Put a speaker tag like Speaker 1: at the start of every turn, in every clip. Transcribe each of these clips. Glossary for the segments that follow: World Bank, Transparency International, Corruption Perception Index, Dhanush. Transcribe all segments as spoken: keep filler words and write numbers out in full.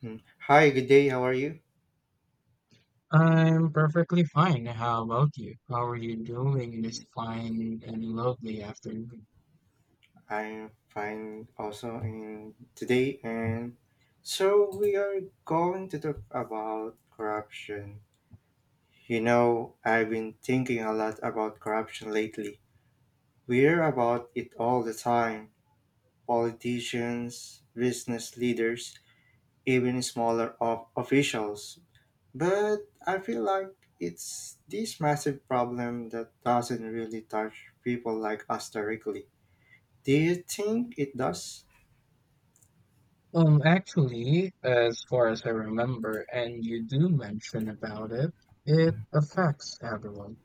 Speaker 1: Hmm. Hi, good day. How are you?
Speaker 2: I'm perfectly fine. How about you? How are you doing this fine and lovely afternoon?
Speaker 1: I'm fine also in today and so we are going to talk about corruption. You know, I've been thinking a lot about corruption lately. We hear about it all the time. Politicians, business leaders, even smaller of officials. But I feel like it's this massive problem that doesn't really touch people like us directly. Do you think it does?
Speaker 2: Um, actually, as far as I remember, and you do mention about it, it affects everyone.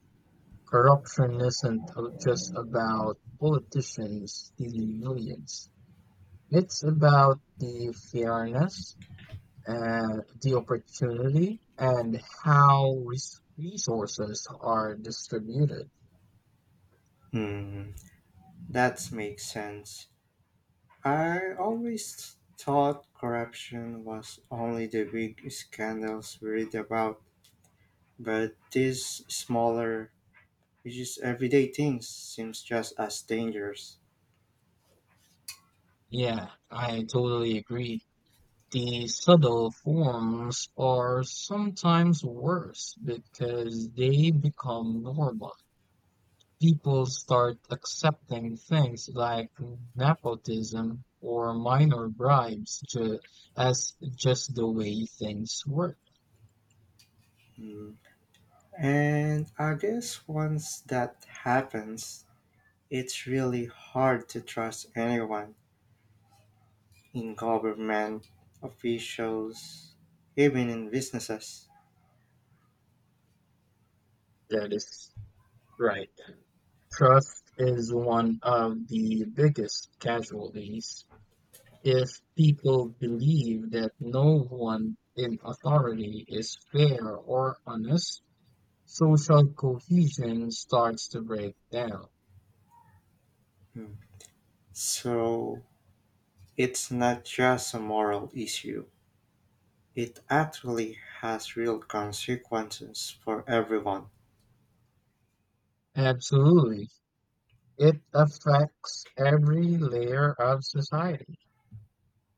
Speaker 2: Corruption isn't uh, just about politicians stealing millions. It's about the fairness and the opportunity and how res- resources are distributed.
Speaker 1: Hmm, that makes sense. I always thought corruption was only the big scandals we read about, but these smaller, which is everyday things, seems just as dangerous.
Speaker 2: Yeah, I totally agree. The subtle forms are sometimes worse because they become normal. People start accepting things like nepotism or minor bribes to, as just the way things work.
Speaker 1: Hmm. And I guess once that happens, it's really hard to trust anyone in government, officials, even in businesses.
Speaker 2: That is right. Trust is one of the biggest casualties. If people believe that no one in authority is fair or honest, social cohesion starts to break down.
Speaker 1: Hmm. So, it's not just a moral issue, it actually has real consequences for everyone.
Speaker 2: Absolutely. It affects every layer of society.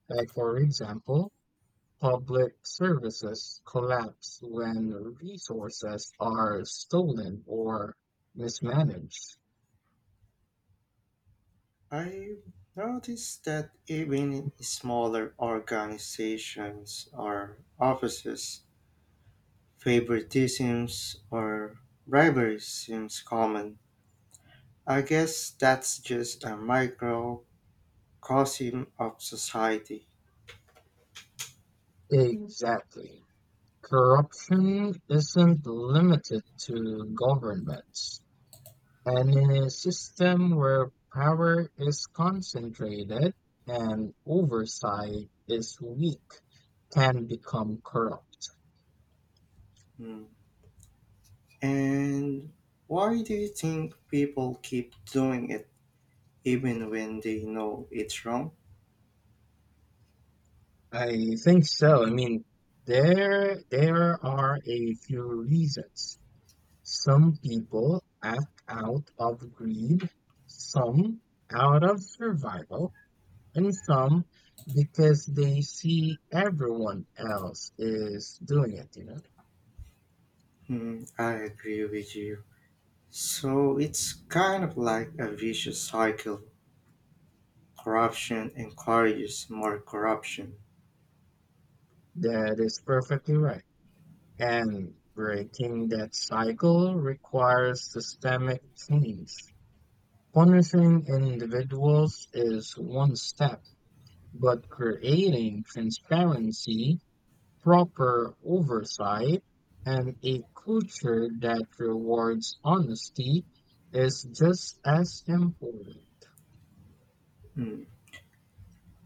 Speaker 2: Like, for example, public services collapse when resources are stolen or mismanaged.
Speaker 1: I noticed that even in smaller organizations or offices, favoritism or bribery seems common. I guess that's just a microcosm of society.
Speaker 2: Exactly. Corruption isn't limited to governments, and in a system where power is concentrated and oversight is weak, can become corrupt.
Speaker 1: Mm. And why do you think people keep doing it, even when they know it's wrong?
Speaker 2: I think so. I mean, there there are a few reasons. Some people act out of greed, some out of survival, and some because they see everyone else is doing it, you know.
Speaker 1: Hmm, I agree with you. So it's kind of like a vicious cycle. Corruption encourages more corruption.
Speaker 2: That is perfectly right. And breaking that cycle requires systemic change. Punishing individuals is one step, but creating transparency, proper oversight, and a culture that rewards honesty is just as important.
Speaker 1: Hmm.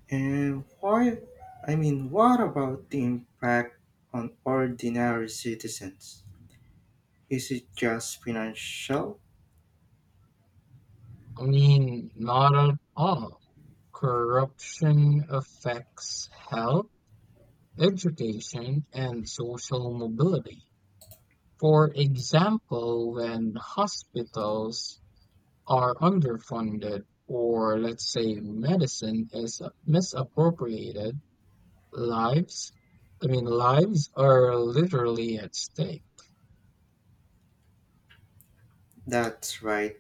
Speaker 1: And why? I mean, what about the impact on ordinary citizens? Is it just financial?
Speaker 2: I mean, not at all. Corruption affects health, education, and social mobility. For example, when hospitals are underfunded, or let's say medicine is misappropriated, lives, I mean, lives are literally at stake.
Speaker 1: That's right.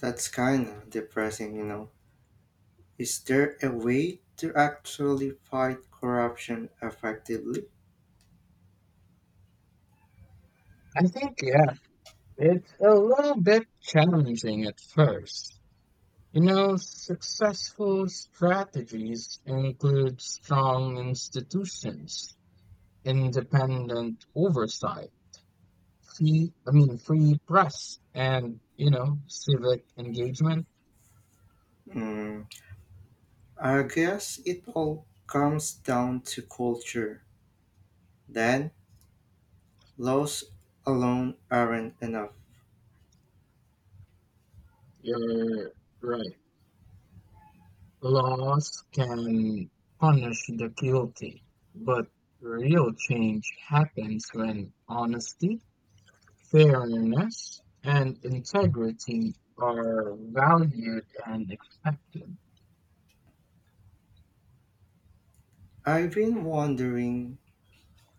Speaker 1: That's kind of depressing, you know. Is there a way to actually fight corruption effectively?
Speaker 2: I think, yeah, it's a little bit challenging at first. You know, successful strategies include strong institutions, independent oversight, free, I mean, free press, and, you know, civic engagement.
Speaker 1: Hmm, I guess it all comes down to culture. Then laws alone aren't enough.
Speaker 2: You're right. Laws can punish the guilty, but real change happens when honesty, fairness, and integrity are valued and expected.
Speaker 1: I've been wondering,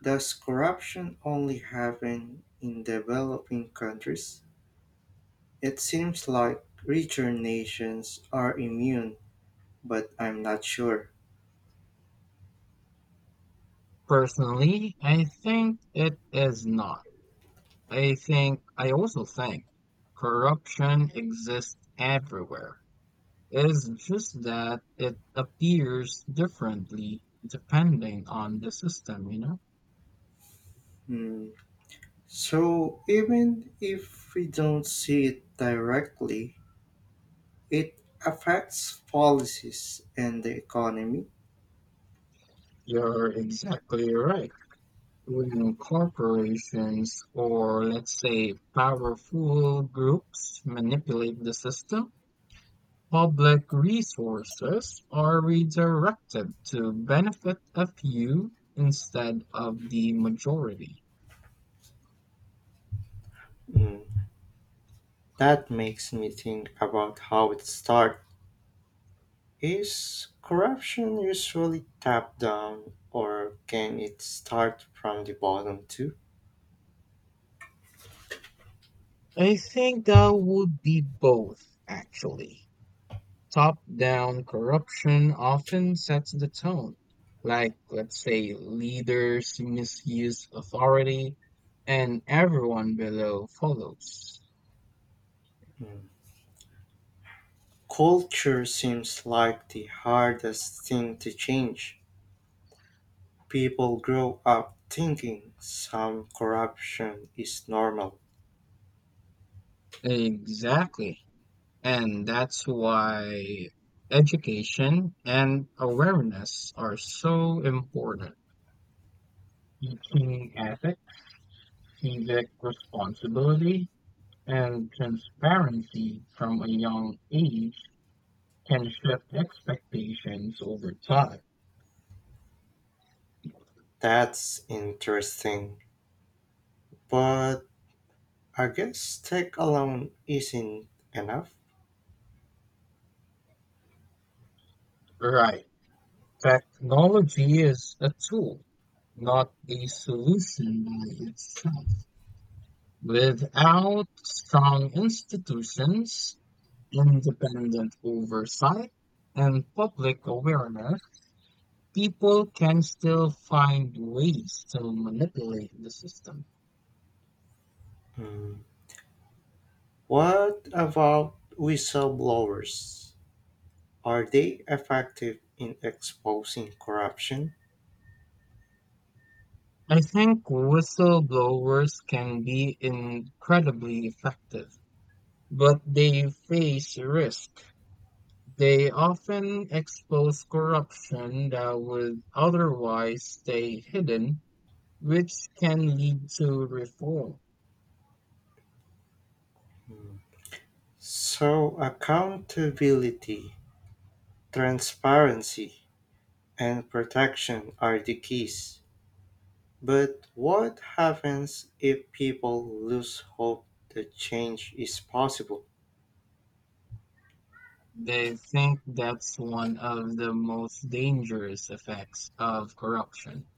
Speaker 1: does corruption only happen in developing countries? It seems like richer nations are immune, but I'm not sure.
Speaker 2: Personally, I think it is not. I think I also think corruption exists everywhere. It's just that it appears differently depending on the system, you know?
Speaker 1: Hmm. So, even if we don't see it directly, it affects policies and the economy.
Speaker 2: You're exactly right. When corporations or let's say powerful groups manipulate the system, public resources are redirected to benefit a few instead of the majority.
Speaker 1: Hmm. That makes me think about how it starts. Is corruption usually top down, or can it start from the bottom too?
Speaker 2: I think that would be both, actually. Top-down corruption often sets the tone, like, let's say, leaders misuse authority and everyone below follows.
Speaker 1: Hmm. Culture seems like the hardest thing to change. People grow up thinking some corruption is normal.
Speaker 2: Exactly. And that's why education and awareness are so important. Teaching ethics, civic responsibility, and transparency from a young age can shift expectations over time.
Speaker 1: That's interesting. But I guess tech alone isn't enough.
Speaker 2: Right. Technology is a tool, not a solution by itself. Without strong institutions, independent oversight and public awareness, people can still find ways to manipulate the system.
Speaker 1: Hmm. What about whistleblowers? Are they effective in exposing corruption?
Speaker 2: I think whistleblowers can be incredibly effective, but they face risk. They often expose corruption that would otherwise stay hidden, which can lead to reform.
Speaker 1: Hmm. So, accountability, transparency, and protection are the keys. But what happens if people lose hope that change is possible?
Speaker 2: They think that's one of the most dangerous effects of corruption,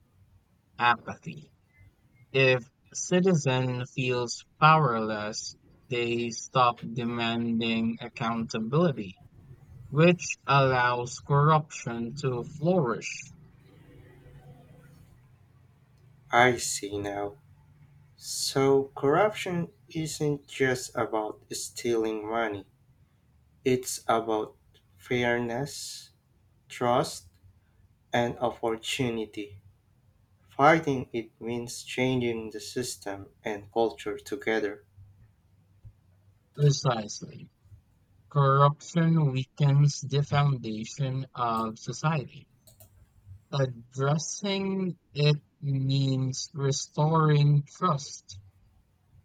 Speaker 2: apathy. If citizen feels powerless, they stop demanding accountability, which allows corruption to flourish.
Speaker 1: I see now. So, corruption isn't just about stealing money, it's about fairness, trust, and opportunity. Fighting it means changing the system and culture together.
Speaker 2: Precisely. Corruption weakens the foundation of society. Addressing it means restoring trust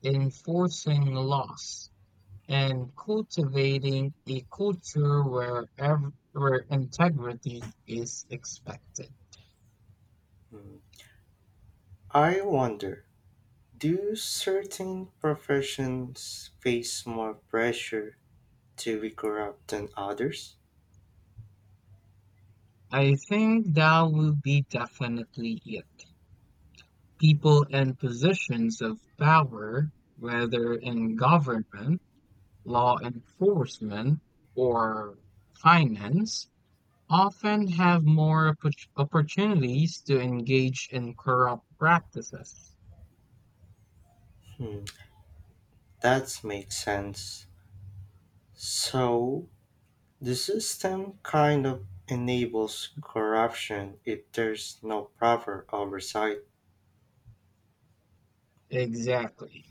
Speaker 2: enforcing laws, and cultivating a culture where, ev- where integrity is expected.
Speaker 1: Mm. I wonder, do certain professions face more pressure to be corrupt than others?
Speaker 2: I think that will be definitely it. People in positions of power, whether in government, law enforcement, or finance, often have more oppor- opportunities to engage in corrupt practices.
Speaker 1: Hmm, that makes sense. So, the system kind of enables corruption if there's no proper oversight.
Speaker 2: Exactly.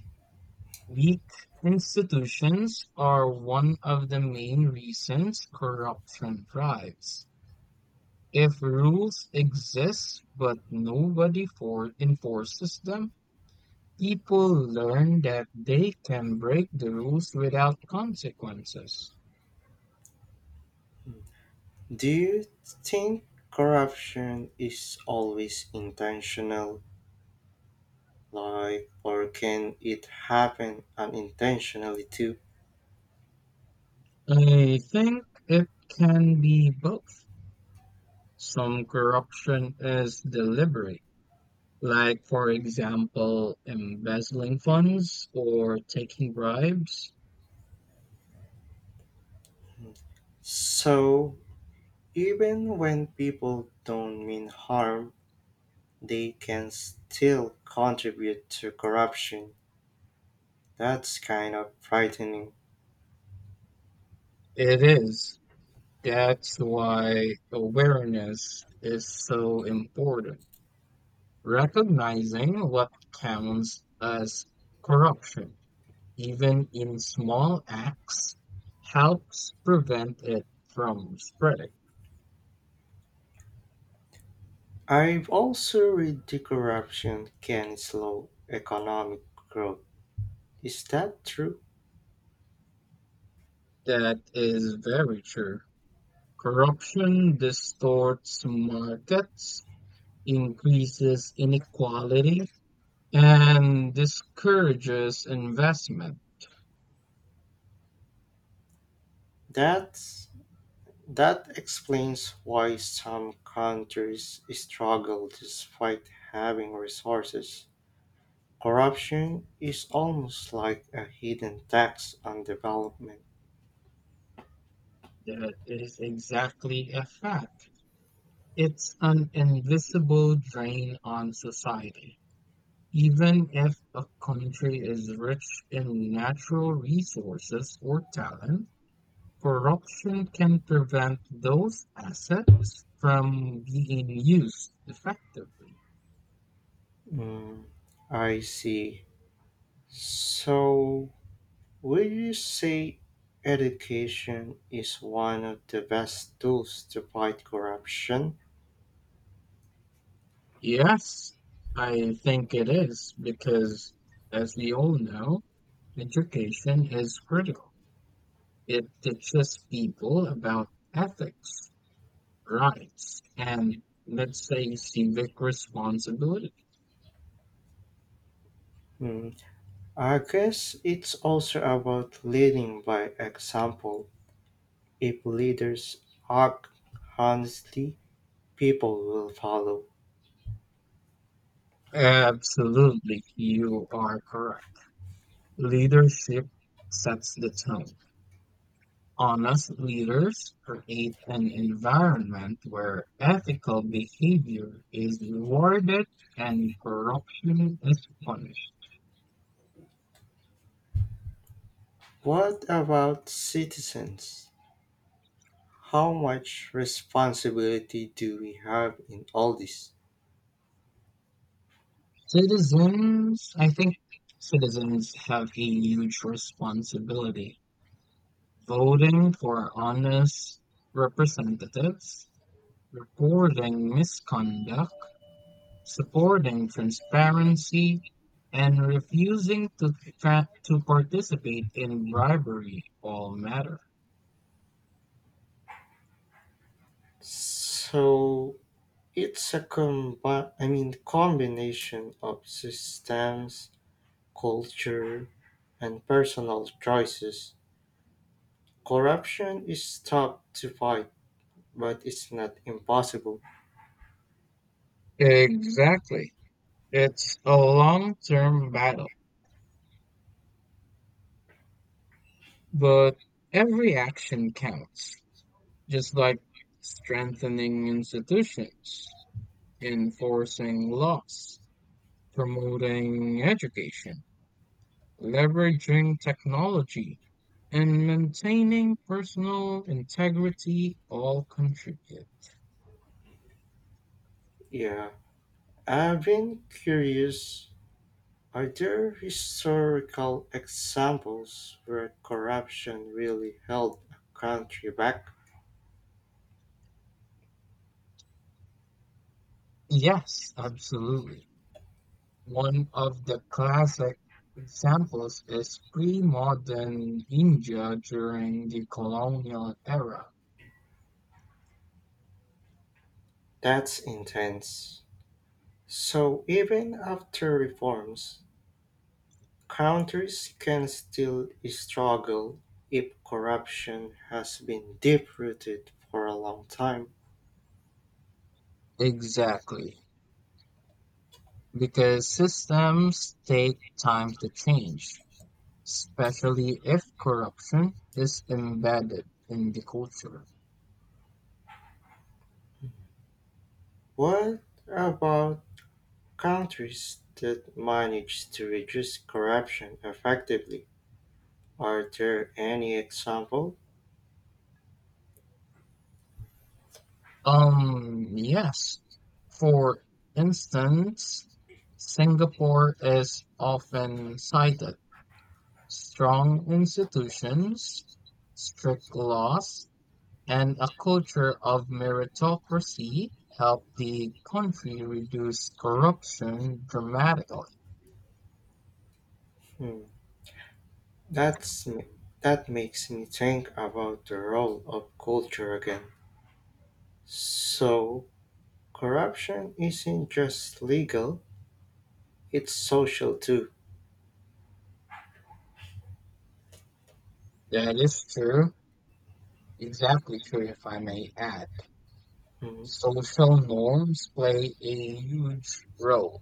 Speaker 2: Weak institutions are one of the main reasons corruption thrives. If rules exist but nobody for enforces them, people learn that they can break the rules without consequences.
Speaker 1: Hmm, do you think corruption is always intentional? Like, or can it happen unintentionally too?
Speaker 2: I think it can be both. Some corruption is deliberate, like, for example, embezzling funds or taking bribes.
Speaker 1: So, even when people don't mean harm, they can still contribute to corruption. That's kind of frightening.
Speaker 2: It is. That's why awareness is so important. Recognizing what counts as corruption, even in small acts, helps prevent it from spreading.
Speaker 1: I've also read the corruption can slow economic growth. Is that true?
Speaker 2: That is very true. Corruption distorts markets, increases inequality, and discourages investment.
Speaker 1: That's that explains why some countries struggle despite having resources. Corruption is almost like a hidden tax on development.
Speaker 2: That is exactly a fact. It's an invisible drain on society. Even if a country is rich in natural resources or talent, corruption can prevent those assets from being used effectively.
Speaker 1: Mm, I see. So, would you say education is one of the best tools to fight corruption?
Speaker 2: Yes, I think it is because, as we all know, education is critical. It teaches people about ethics. Right. And let's say civic responsibility.
Speaker 1: Hmm. I guess it's also about leading by example. If leaders act honestly, people will follow.
Speaker 2: Absolutely, you are correct. Leadership sets the tone. Honest leaders create an environment where ethical behavior is rewarded and corruption is punished.
Speaker 1: What about citizens? How much responsibility do we have in all this?
Speaker 2: Citizens, I think citizens have a huge responsibility. Voting for honest representatives reporting misconduct, supporting transparency, and refusing to, tra- to participate in bribery all matter.
Speaker 1: So it's a combi- I mean combination of systems, culture, and personal choices. Corruption is tough to fight, but it's not impossible.
Speaker 2: Exactly. It's a long term battle, but every action counts, just like strengthening institutions, enforcing laws, promoting education leveraging technology, and maintaining personal integrity all contribute.
Speaker 1: Yeah, I've been curious. Are there historical examples where corruption really held a country back?
Speaker 2: Yes, absolutely. One of the classic examples is pre-modern India during the colonial era.
Speaker 1: That's intense. So even after reforms, countries can still struggle if corruption has been deep rooted for a long time.
Speaker 2: Exactly, because systems take time to change, especially if corruption is embedded in the culture.
Speaker 1: What about countries that manage to reduce corruption effectively? Are there any example?
Speaker 2: Um, yes. For instance, Singapore is often cited. Strong institutions, strict laws, and a culture of meritocracy help the country reduce corruption dramatically.
Speaker 1: Hmm, That's m- that makes me think about the role of culture again. So corruption isn't just legal, it's social too.
Speaker 2: That is true. Exactly true, if I may add.
Speaker 1: Mhm.
Speaker 2: Social norms play a huge role.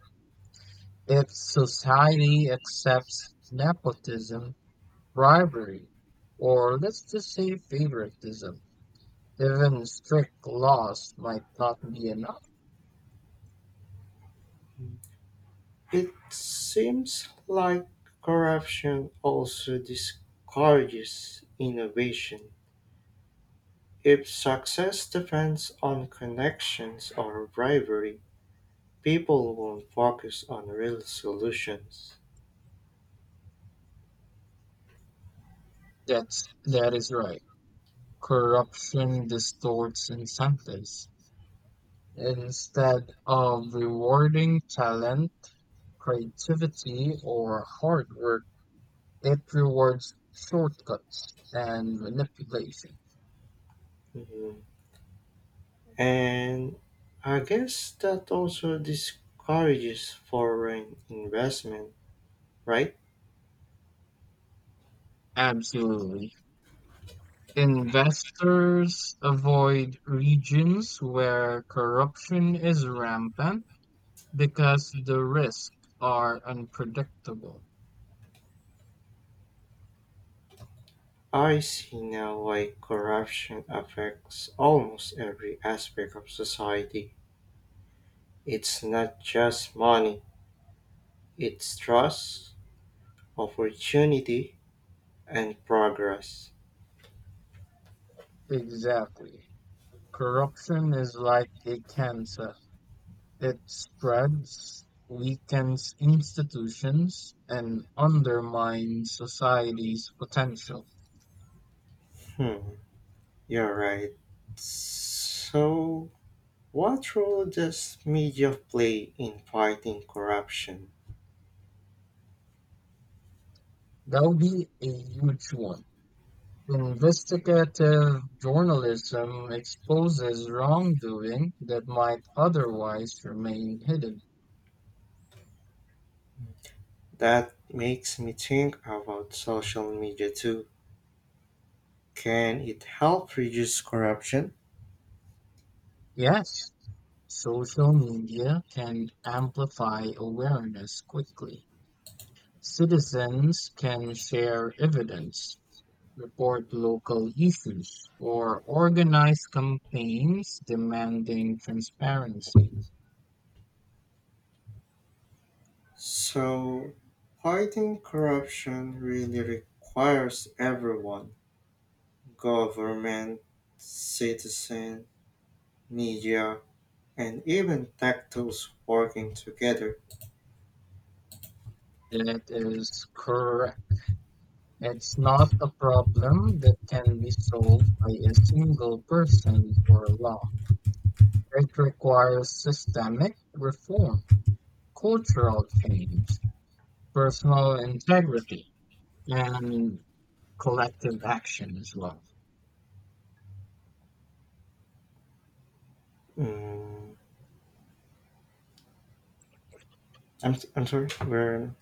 Speaker 2: If society accepts nepotism, bribery, or let's just say favoritism, even strict laws might not be enough.
Speaker 1: It seems like corruption also discourages innovation. If success depends on connections or bribery, people won't focus on real solutions.
Speaker 2: That's that is right. Corruption distorts incentives. Instead of rewarding talent, creativity, or hard work, it rewards shortcuts and manipulation.
Speaker 1: Mhm. And I guess that also discourages foreign investment, right?
Speaker 2: Absolutely. Investors avoid regions where corruption is rampant because the risks are unpredictable.
Speaker 1: I see now why corruption affects almost every aspect of society. It's not just money, it's trust, opportunity, and progress.
Speaker 2: Exactly. Corruption is like a cancer. It spreads, weakens institutions, and undermines society's potential.
Speaker 1: Hmm, you're right. So, what role does media play in fighting corruption?
Speaker 2: That would be a huge one. Investigative journalism exposes wrongdoing that might otherwise remain hidden.
Speaker 1: That makes me think about social media too. Can it help reduce corruption?
Speaker 2: Yes, social media can amplify awareness quickly. Citizens can share evidence, report local issues, or organize campaigns demanding transparency.
Speaker 1: So, fighting corruption really requires everyone, government, citizen, media, and even tech tools working together.
Speaker 2: That is correct. It's not a problem that can be solved by a single person or law. It requires systemic reform, cultural change, personal integrity, and collective action as well.
Speaker 1: Mm, I'm, s- I'm sorry, where?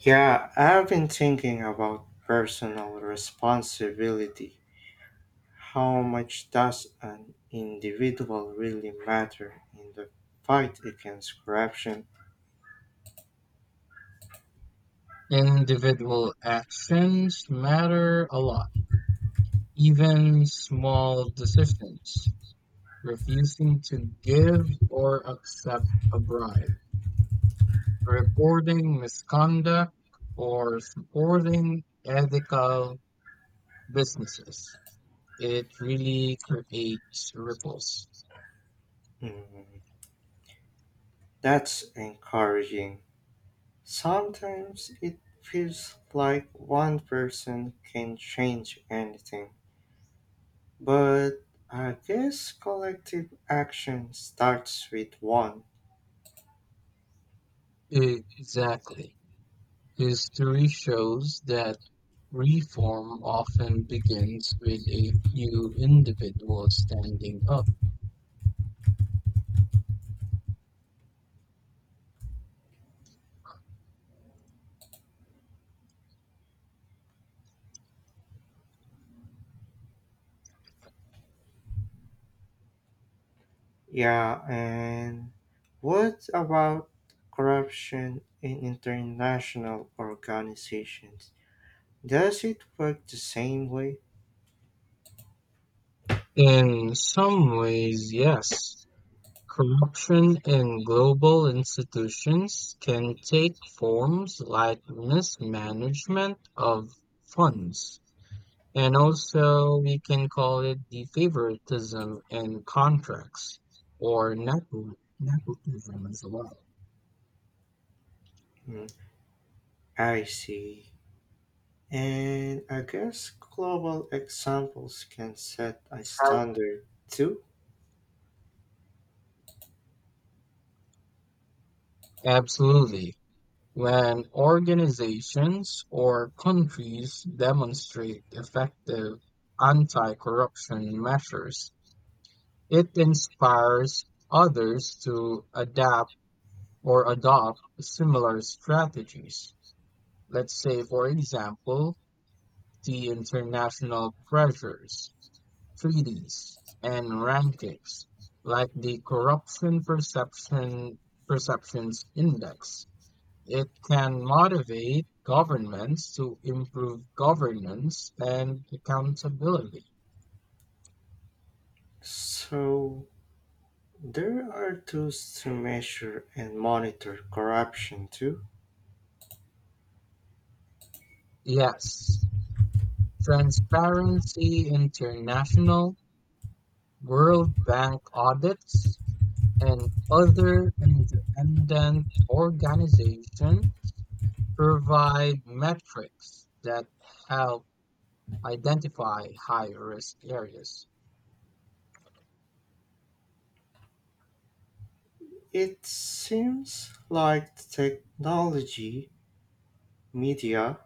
Speaker 1: Yeah, I've been thinking about personal responsibility. How much does an individual really matter in the fight against corruption?
Speaker 2: Individual actions matter a lot, even small decisions, refusing to give or accept a bribe reporting misconduct or supporting ethical businesses. It really creates ripples.
Speaker 1: Mm, that's encouraging. Sometimes it feels like one person can change anything. But I guess collective action starts with one.
Speaker 2: Exactly. History shows that reform often begins with a few individuals standing up.
Speaker 1: Yeah, and what about corruption in international organizations? Does it work the same way?
Speaker 2: In some ways, yes. Corruption in global institutions can take forms like mismanagement of funds and also, we can call it the favoritism in contracts or nepo- nepotism as well.
Speaker 1: Hmm, I see. And I guess global examples can set a standard too.
Speaker 2: Absolutely. When organizations or countries demonstrate effective anti-corruption measures, it inspires others to adapt or adopt similar strategies. Let's say, for example, the international pressures treaties, and rankings, like the Corruption Perception Perceptions Index. It can motivate governments to improve governance and accountability.
Speaker 1: So there are tools to measure and monitor corruption too.
Speaker 2: Yes, Transparency International, World Bank audits, and other independent organizations provide metrics that help identify high risk areas.
Speaker 1: It seems like technology, media,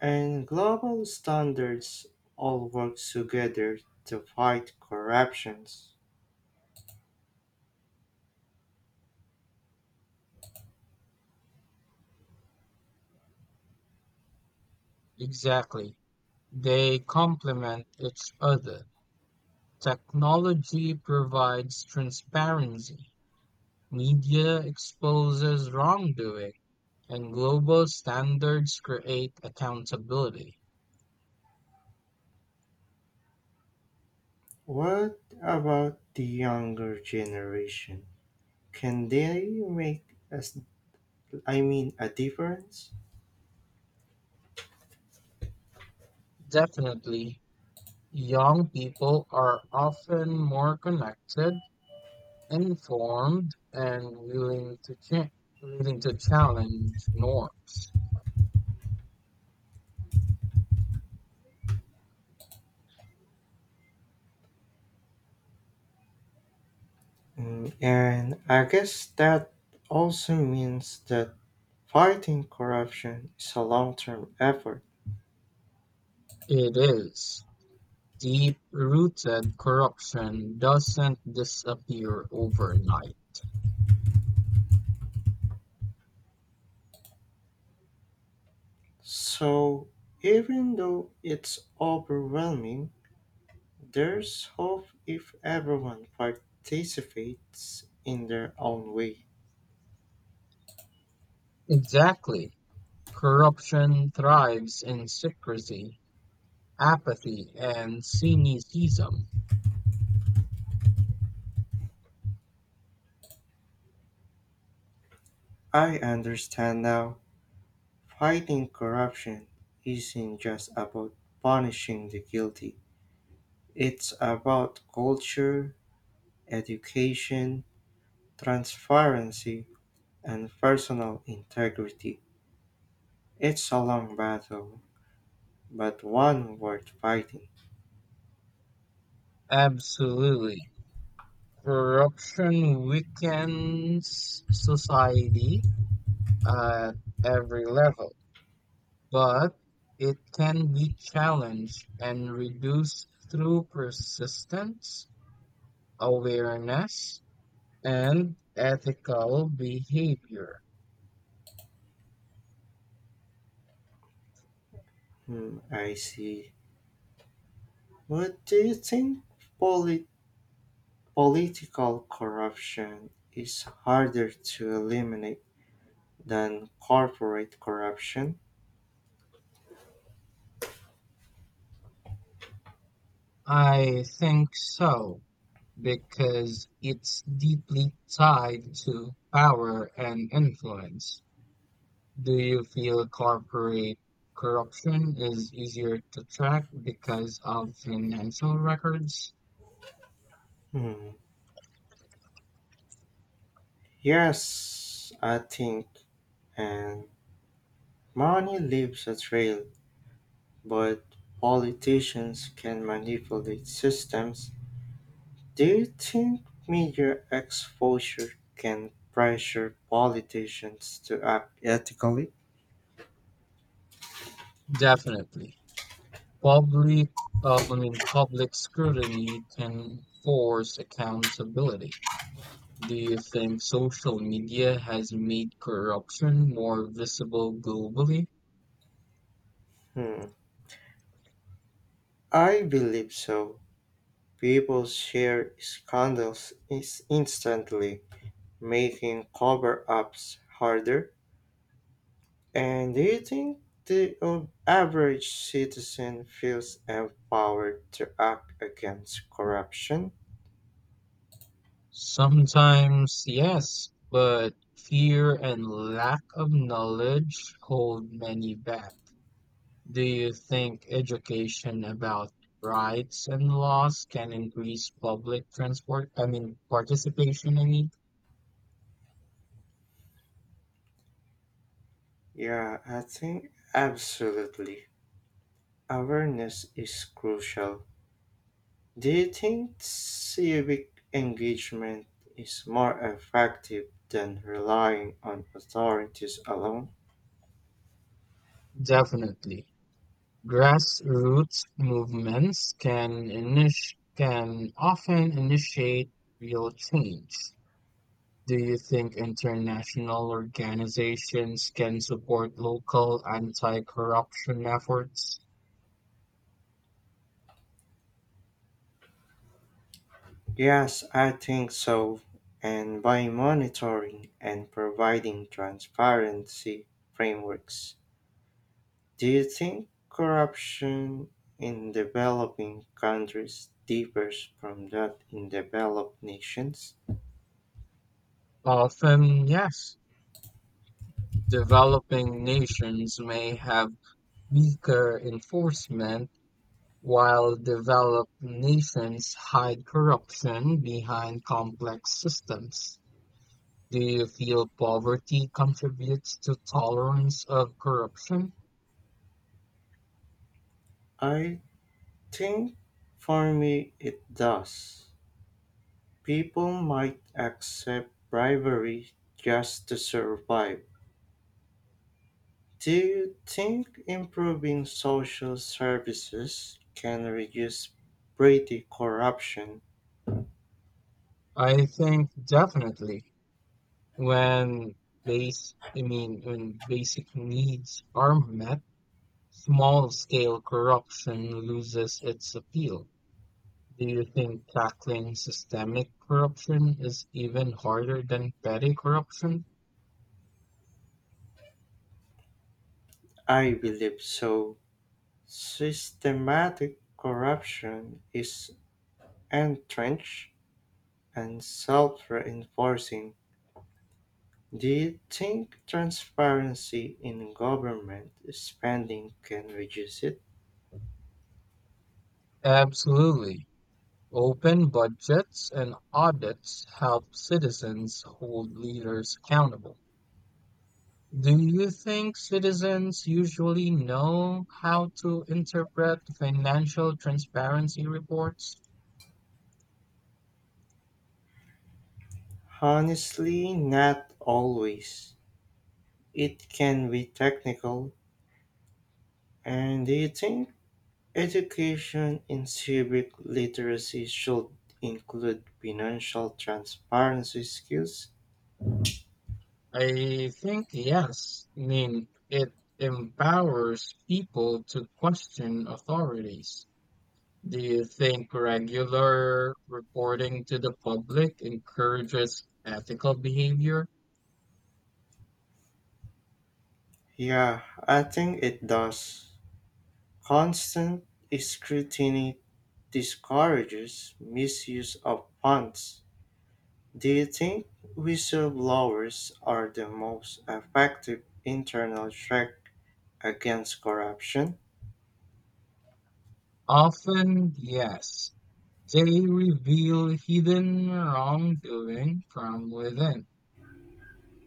Speaker 1: and global standards all work together to fight corruptions.
Speaker 2: Exactly. They complement each other. Technology provides transparency, media exposes wrongdoing, and global standards create accountability.
Speaker 1: What about the younger generation? Can they make as I mean a difference?
Speaker 2: Definitely, young people are often more connected, informed, and willing to, cha- willing to challenge norms.
Speaker 1: Mm, and I guess that also means that fighting corruption is a long-term effort.
Speaker 2: It is. Deep-rooted corruption doesn't disappear overnight.
Speaker 1: So even though it's overwhelming, there's hope if everyone participates in their own way.
Speaker 2: Exactly. Corruption thrives in secrecy, apathy, and cynicism.
Speaker 1: I understand now. Fighting corruption isn't just about punishing the guilty, it's about culture, education, transparency, and personal integrity. It's a long battle, but one worth fighting.
Speaker 2: Absolutely. Corruption weakens society at every level, but it can be challenged and reduced through persistence, awareness, and ethical behavior.
Speaker 1: Hmm, I see. What do you think, Poli? Political corruption is harder to eliminate than corporate corruption.
Speaker 2: I think so, because it's deeply tied to power and influence. Do you feel corporate corruption is easier to track because of financial records?
Speaker 1: Hmm. Yes, I think. And money leaves a trail, but politicians can manipulate systems. Do you think media exposure can pressure politicians to act ethically?
Speaker 2: Definitely. Public, uh, I mean, public scrutiny can force accountability. Do you think social media has made corruption more visible globally?
Speaker 1: Hmm. I believe so. People share scandals is- instantly, making cover-ups harder? And do you think the uh, average citizen feels empowered to act against corruption?
Speaker 2: Sometimes, yes, but fear and lack of knowledge hold many back. Do you think education about rights and laws can increase public transport, I mean, participation, I mean?
Speaker 1: Yeah, I think absolutely. Awareness is crucial. Do you think civic engagement is more effective than relying on authorities alone?
Speaker 2: Definitely. Grassroots movements can init- can often initiate real change. Do you think international organizations can support local anti-corruption efforts?
Speaker 1: Yes, I think so. And by monitoring and providing transparency frameworks, do you think corruption in developing countries differs from that in developed nations?
Speaker 2: Often, yes. Developing nations may have weaker enforcement, while developed nations hide corruption behind complex systems. Do you feel poverty contributes to tolerance of corruption?
Speaker 1: I think for me it does. People might accept bribery just to survive. Do you think improving social services can reduce petty corruption?
Speaker 2: I think definitely. When base, I mean, when basic needs are met, small-scale corruption loses its appeal. Do you think tackling systemic corruption is even harder than petty corruption?
Speaker 1: I believe so. Systematic corruption is entrenched and self reinforcing. Do you think transparency in government spending can reduce it?
Speaker 2: Absolutely. Open budgets and audits help citizens hold leaders accountable. Do you think citizens usually know how to interpret financial transparency reports?
Speaker 1: Honestly, not always. It can be technical. And do you think education in civic literacy should include financial transparency skills?
Speaker 2: I think yes. I mean, it empowers people to question authorities. Do you think regular reporting to the public encourages ethical behavior?
Speaker 1: Yeah, I think it does. Constant scrutiny discourages misuse of funds. Do you think whistleblowers are the most effective internal check against corruption?
Speaker 2: Often, yes. They reveal hidden wrongdoing from within.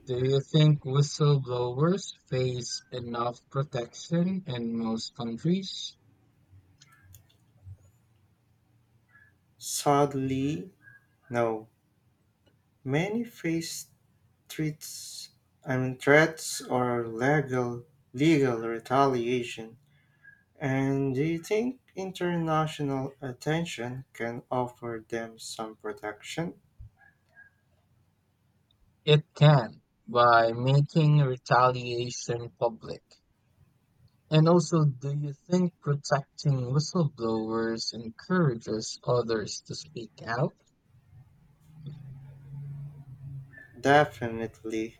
Speaker 2: Do you think whistleblowers face enough protection in most countries?
Speaker 1: Sadly, no. Many face threats I mean threats or legal legal retaliation. And do you think international attention can offer them some protection?
Speaker 2: It can by making retaliation public. And also, do you think protecting whistleblowers encourages others to speak out?
Speaker 1: Definitely.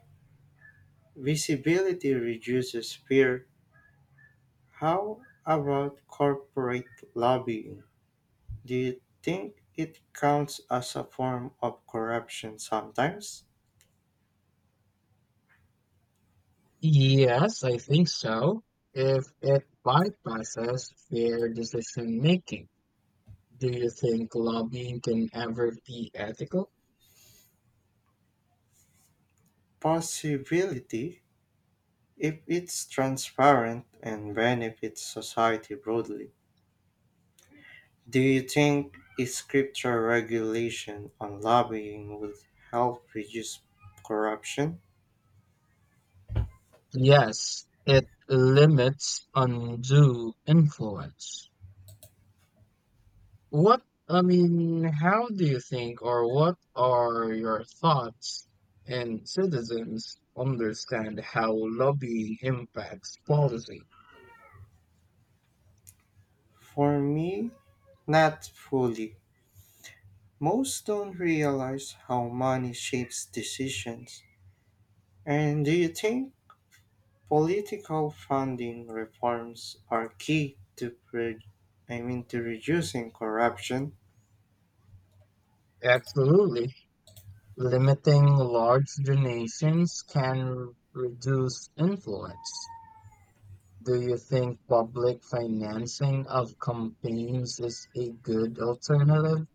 Speaker 1: Visibility reduces fear. How about corporate lobbying? Do you think it counts as a form of corruption sometimes?
Speaker 2: Yes, I think so. If it bypasses fair decision making, do you think lobbying can ever be ethical?
Speaker 1: Possibility, if it's transparent and benefits society broadly, do you think a stricter regulation on lobbying would help reduce corruption?
Speaker 2: Yes, it limits undue influence. What, I mean, how do you think or what are your thoughts and citizens understand how lobbying impacts policy?
Speaker 1: For me, not fully. Most don't realize how money shapes decisions. And do you think political funding reforms are key to pre- I mean to reducing corruption?
Speaker 2: Absolutely. Limiting large donations can reduce influence. Do you think public financing of campaigns is a good alternative?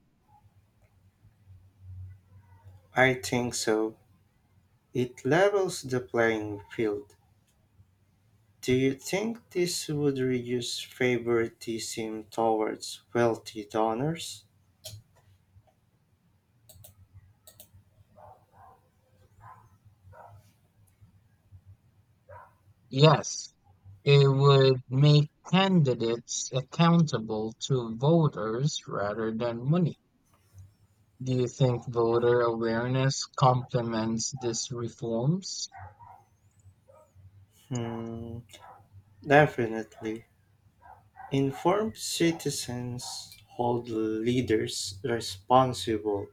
Speaker 1: I think so. It levels the playing field. Do you think this would reduce favoritism towards wealthy donors?
Speaker 2: Yes, it would make candidates accountable to voters rather than money. Do you think voter awareness complements these reforms?
Speaker 1: Hmm, definitely. Informed citizens hold leaders responsible.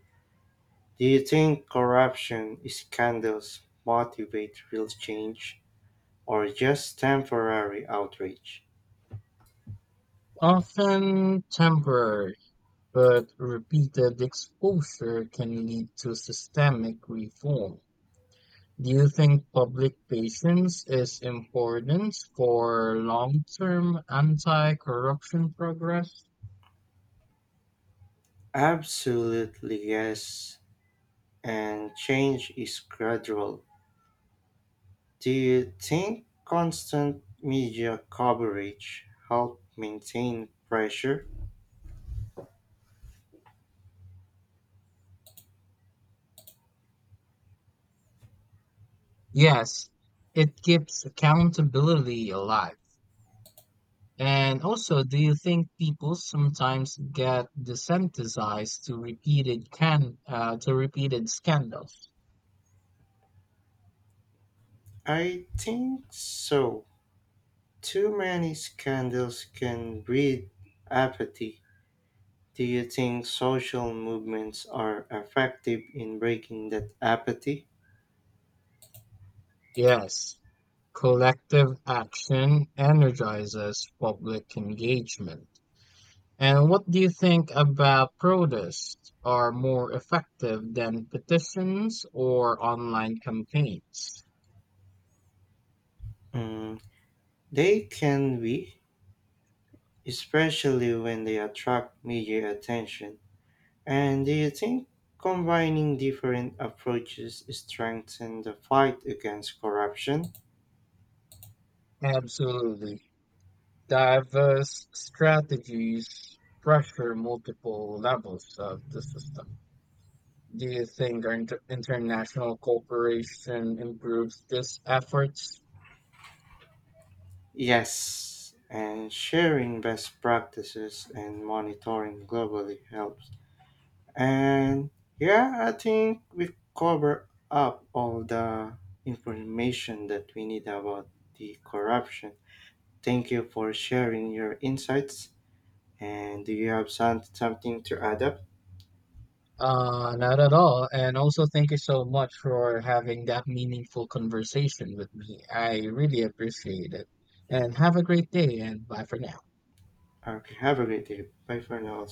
Speaker 1: Do you think corruption scandals motivate real change or just temporary outrage?
Speaker 2: Often temporary, but repeated exposure can lead to systemic reform. Do you think public patience is important for long-term anti-corruption progress?
Speaker 1: Absolutely yes, and change is gradual. Do you think constant media coverage help maintain pressure?
Speaker 2: Yes, it keeps accountability alive. And also, do you think people sometimes get desensitized to repeated can uh, to repeated scandals?
Speaker 1: I think so. Too many scandals can breed apathy. Do you think social movements are effective in breaking that apathy?
Speaker 2: Yes, collective action energizes public engagement. And what do you think about protests are more effective than petitions or online campaigns?
Speaker 1: Mm, they can be, especially when they attract media attention. And do you think combining different approaches strengthen the fight against corruption?
Speaker 2: Absolutely. Diverse strategies pressure multiple levels of the system. Do you think our inter- international cooperation improves these efforts?
Speaker 1: Yes, and sharing best practices and monitoring globally helps. And yeah, I think we cover up all the information that we need about the corruption. Thank you for sharing your insights. And do you have some, something to add up?
Speaker 2: Uh, not at all. And also, thank you so much for having that meaningful conversation with me. I really appreciate it. And have a great day, and bye for now.
Speaker 1: Okay, have a great day. Bye for now.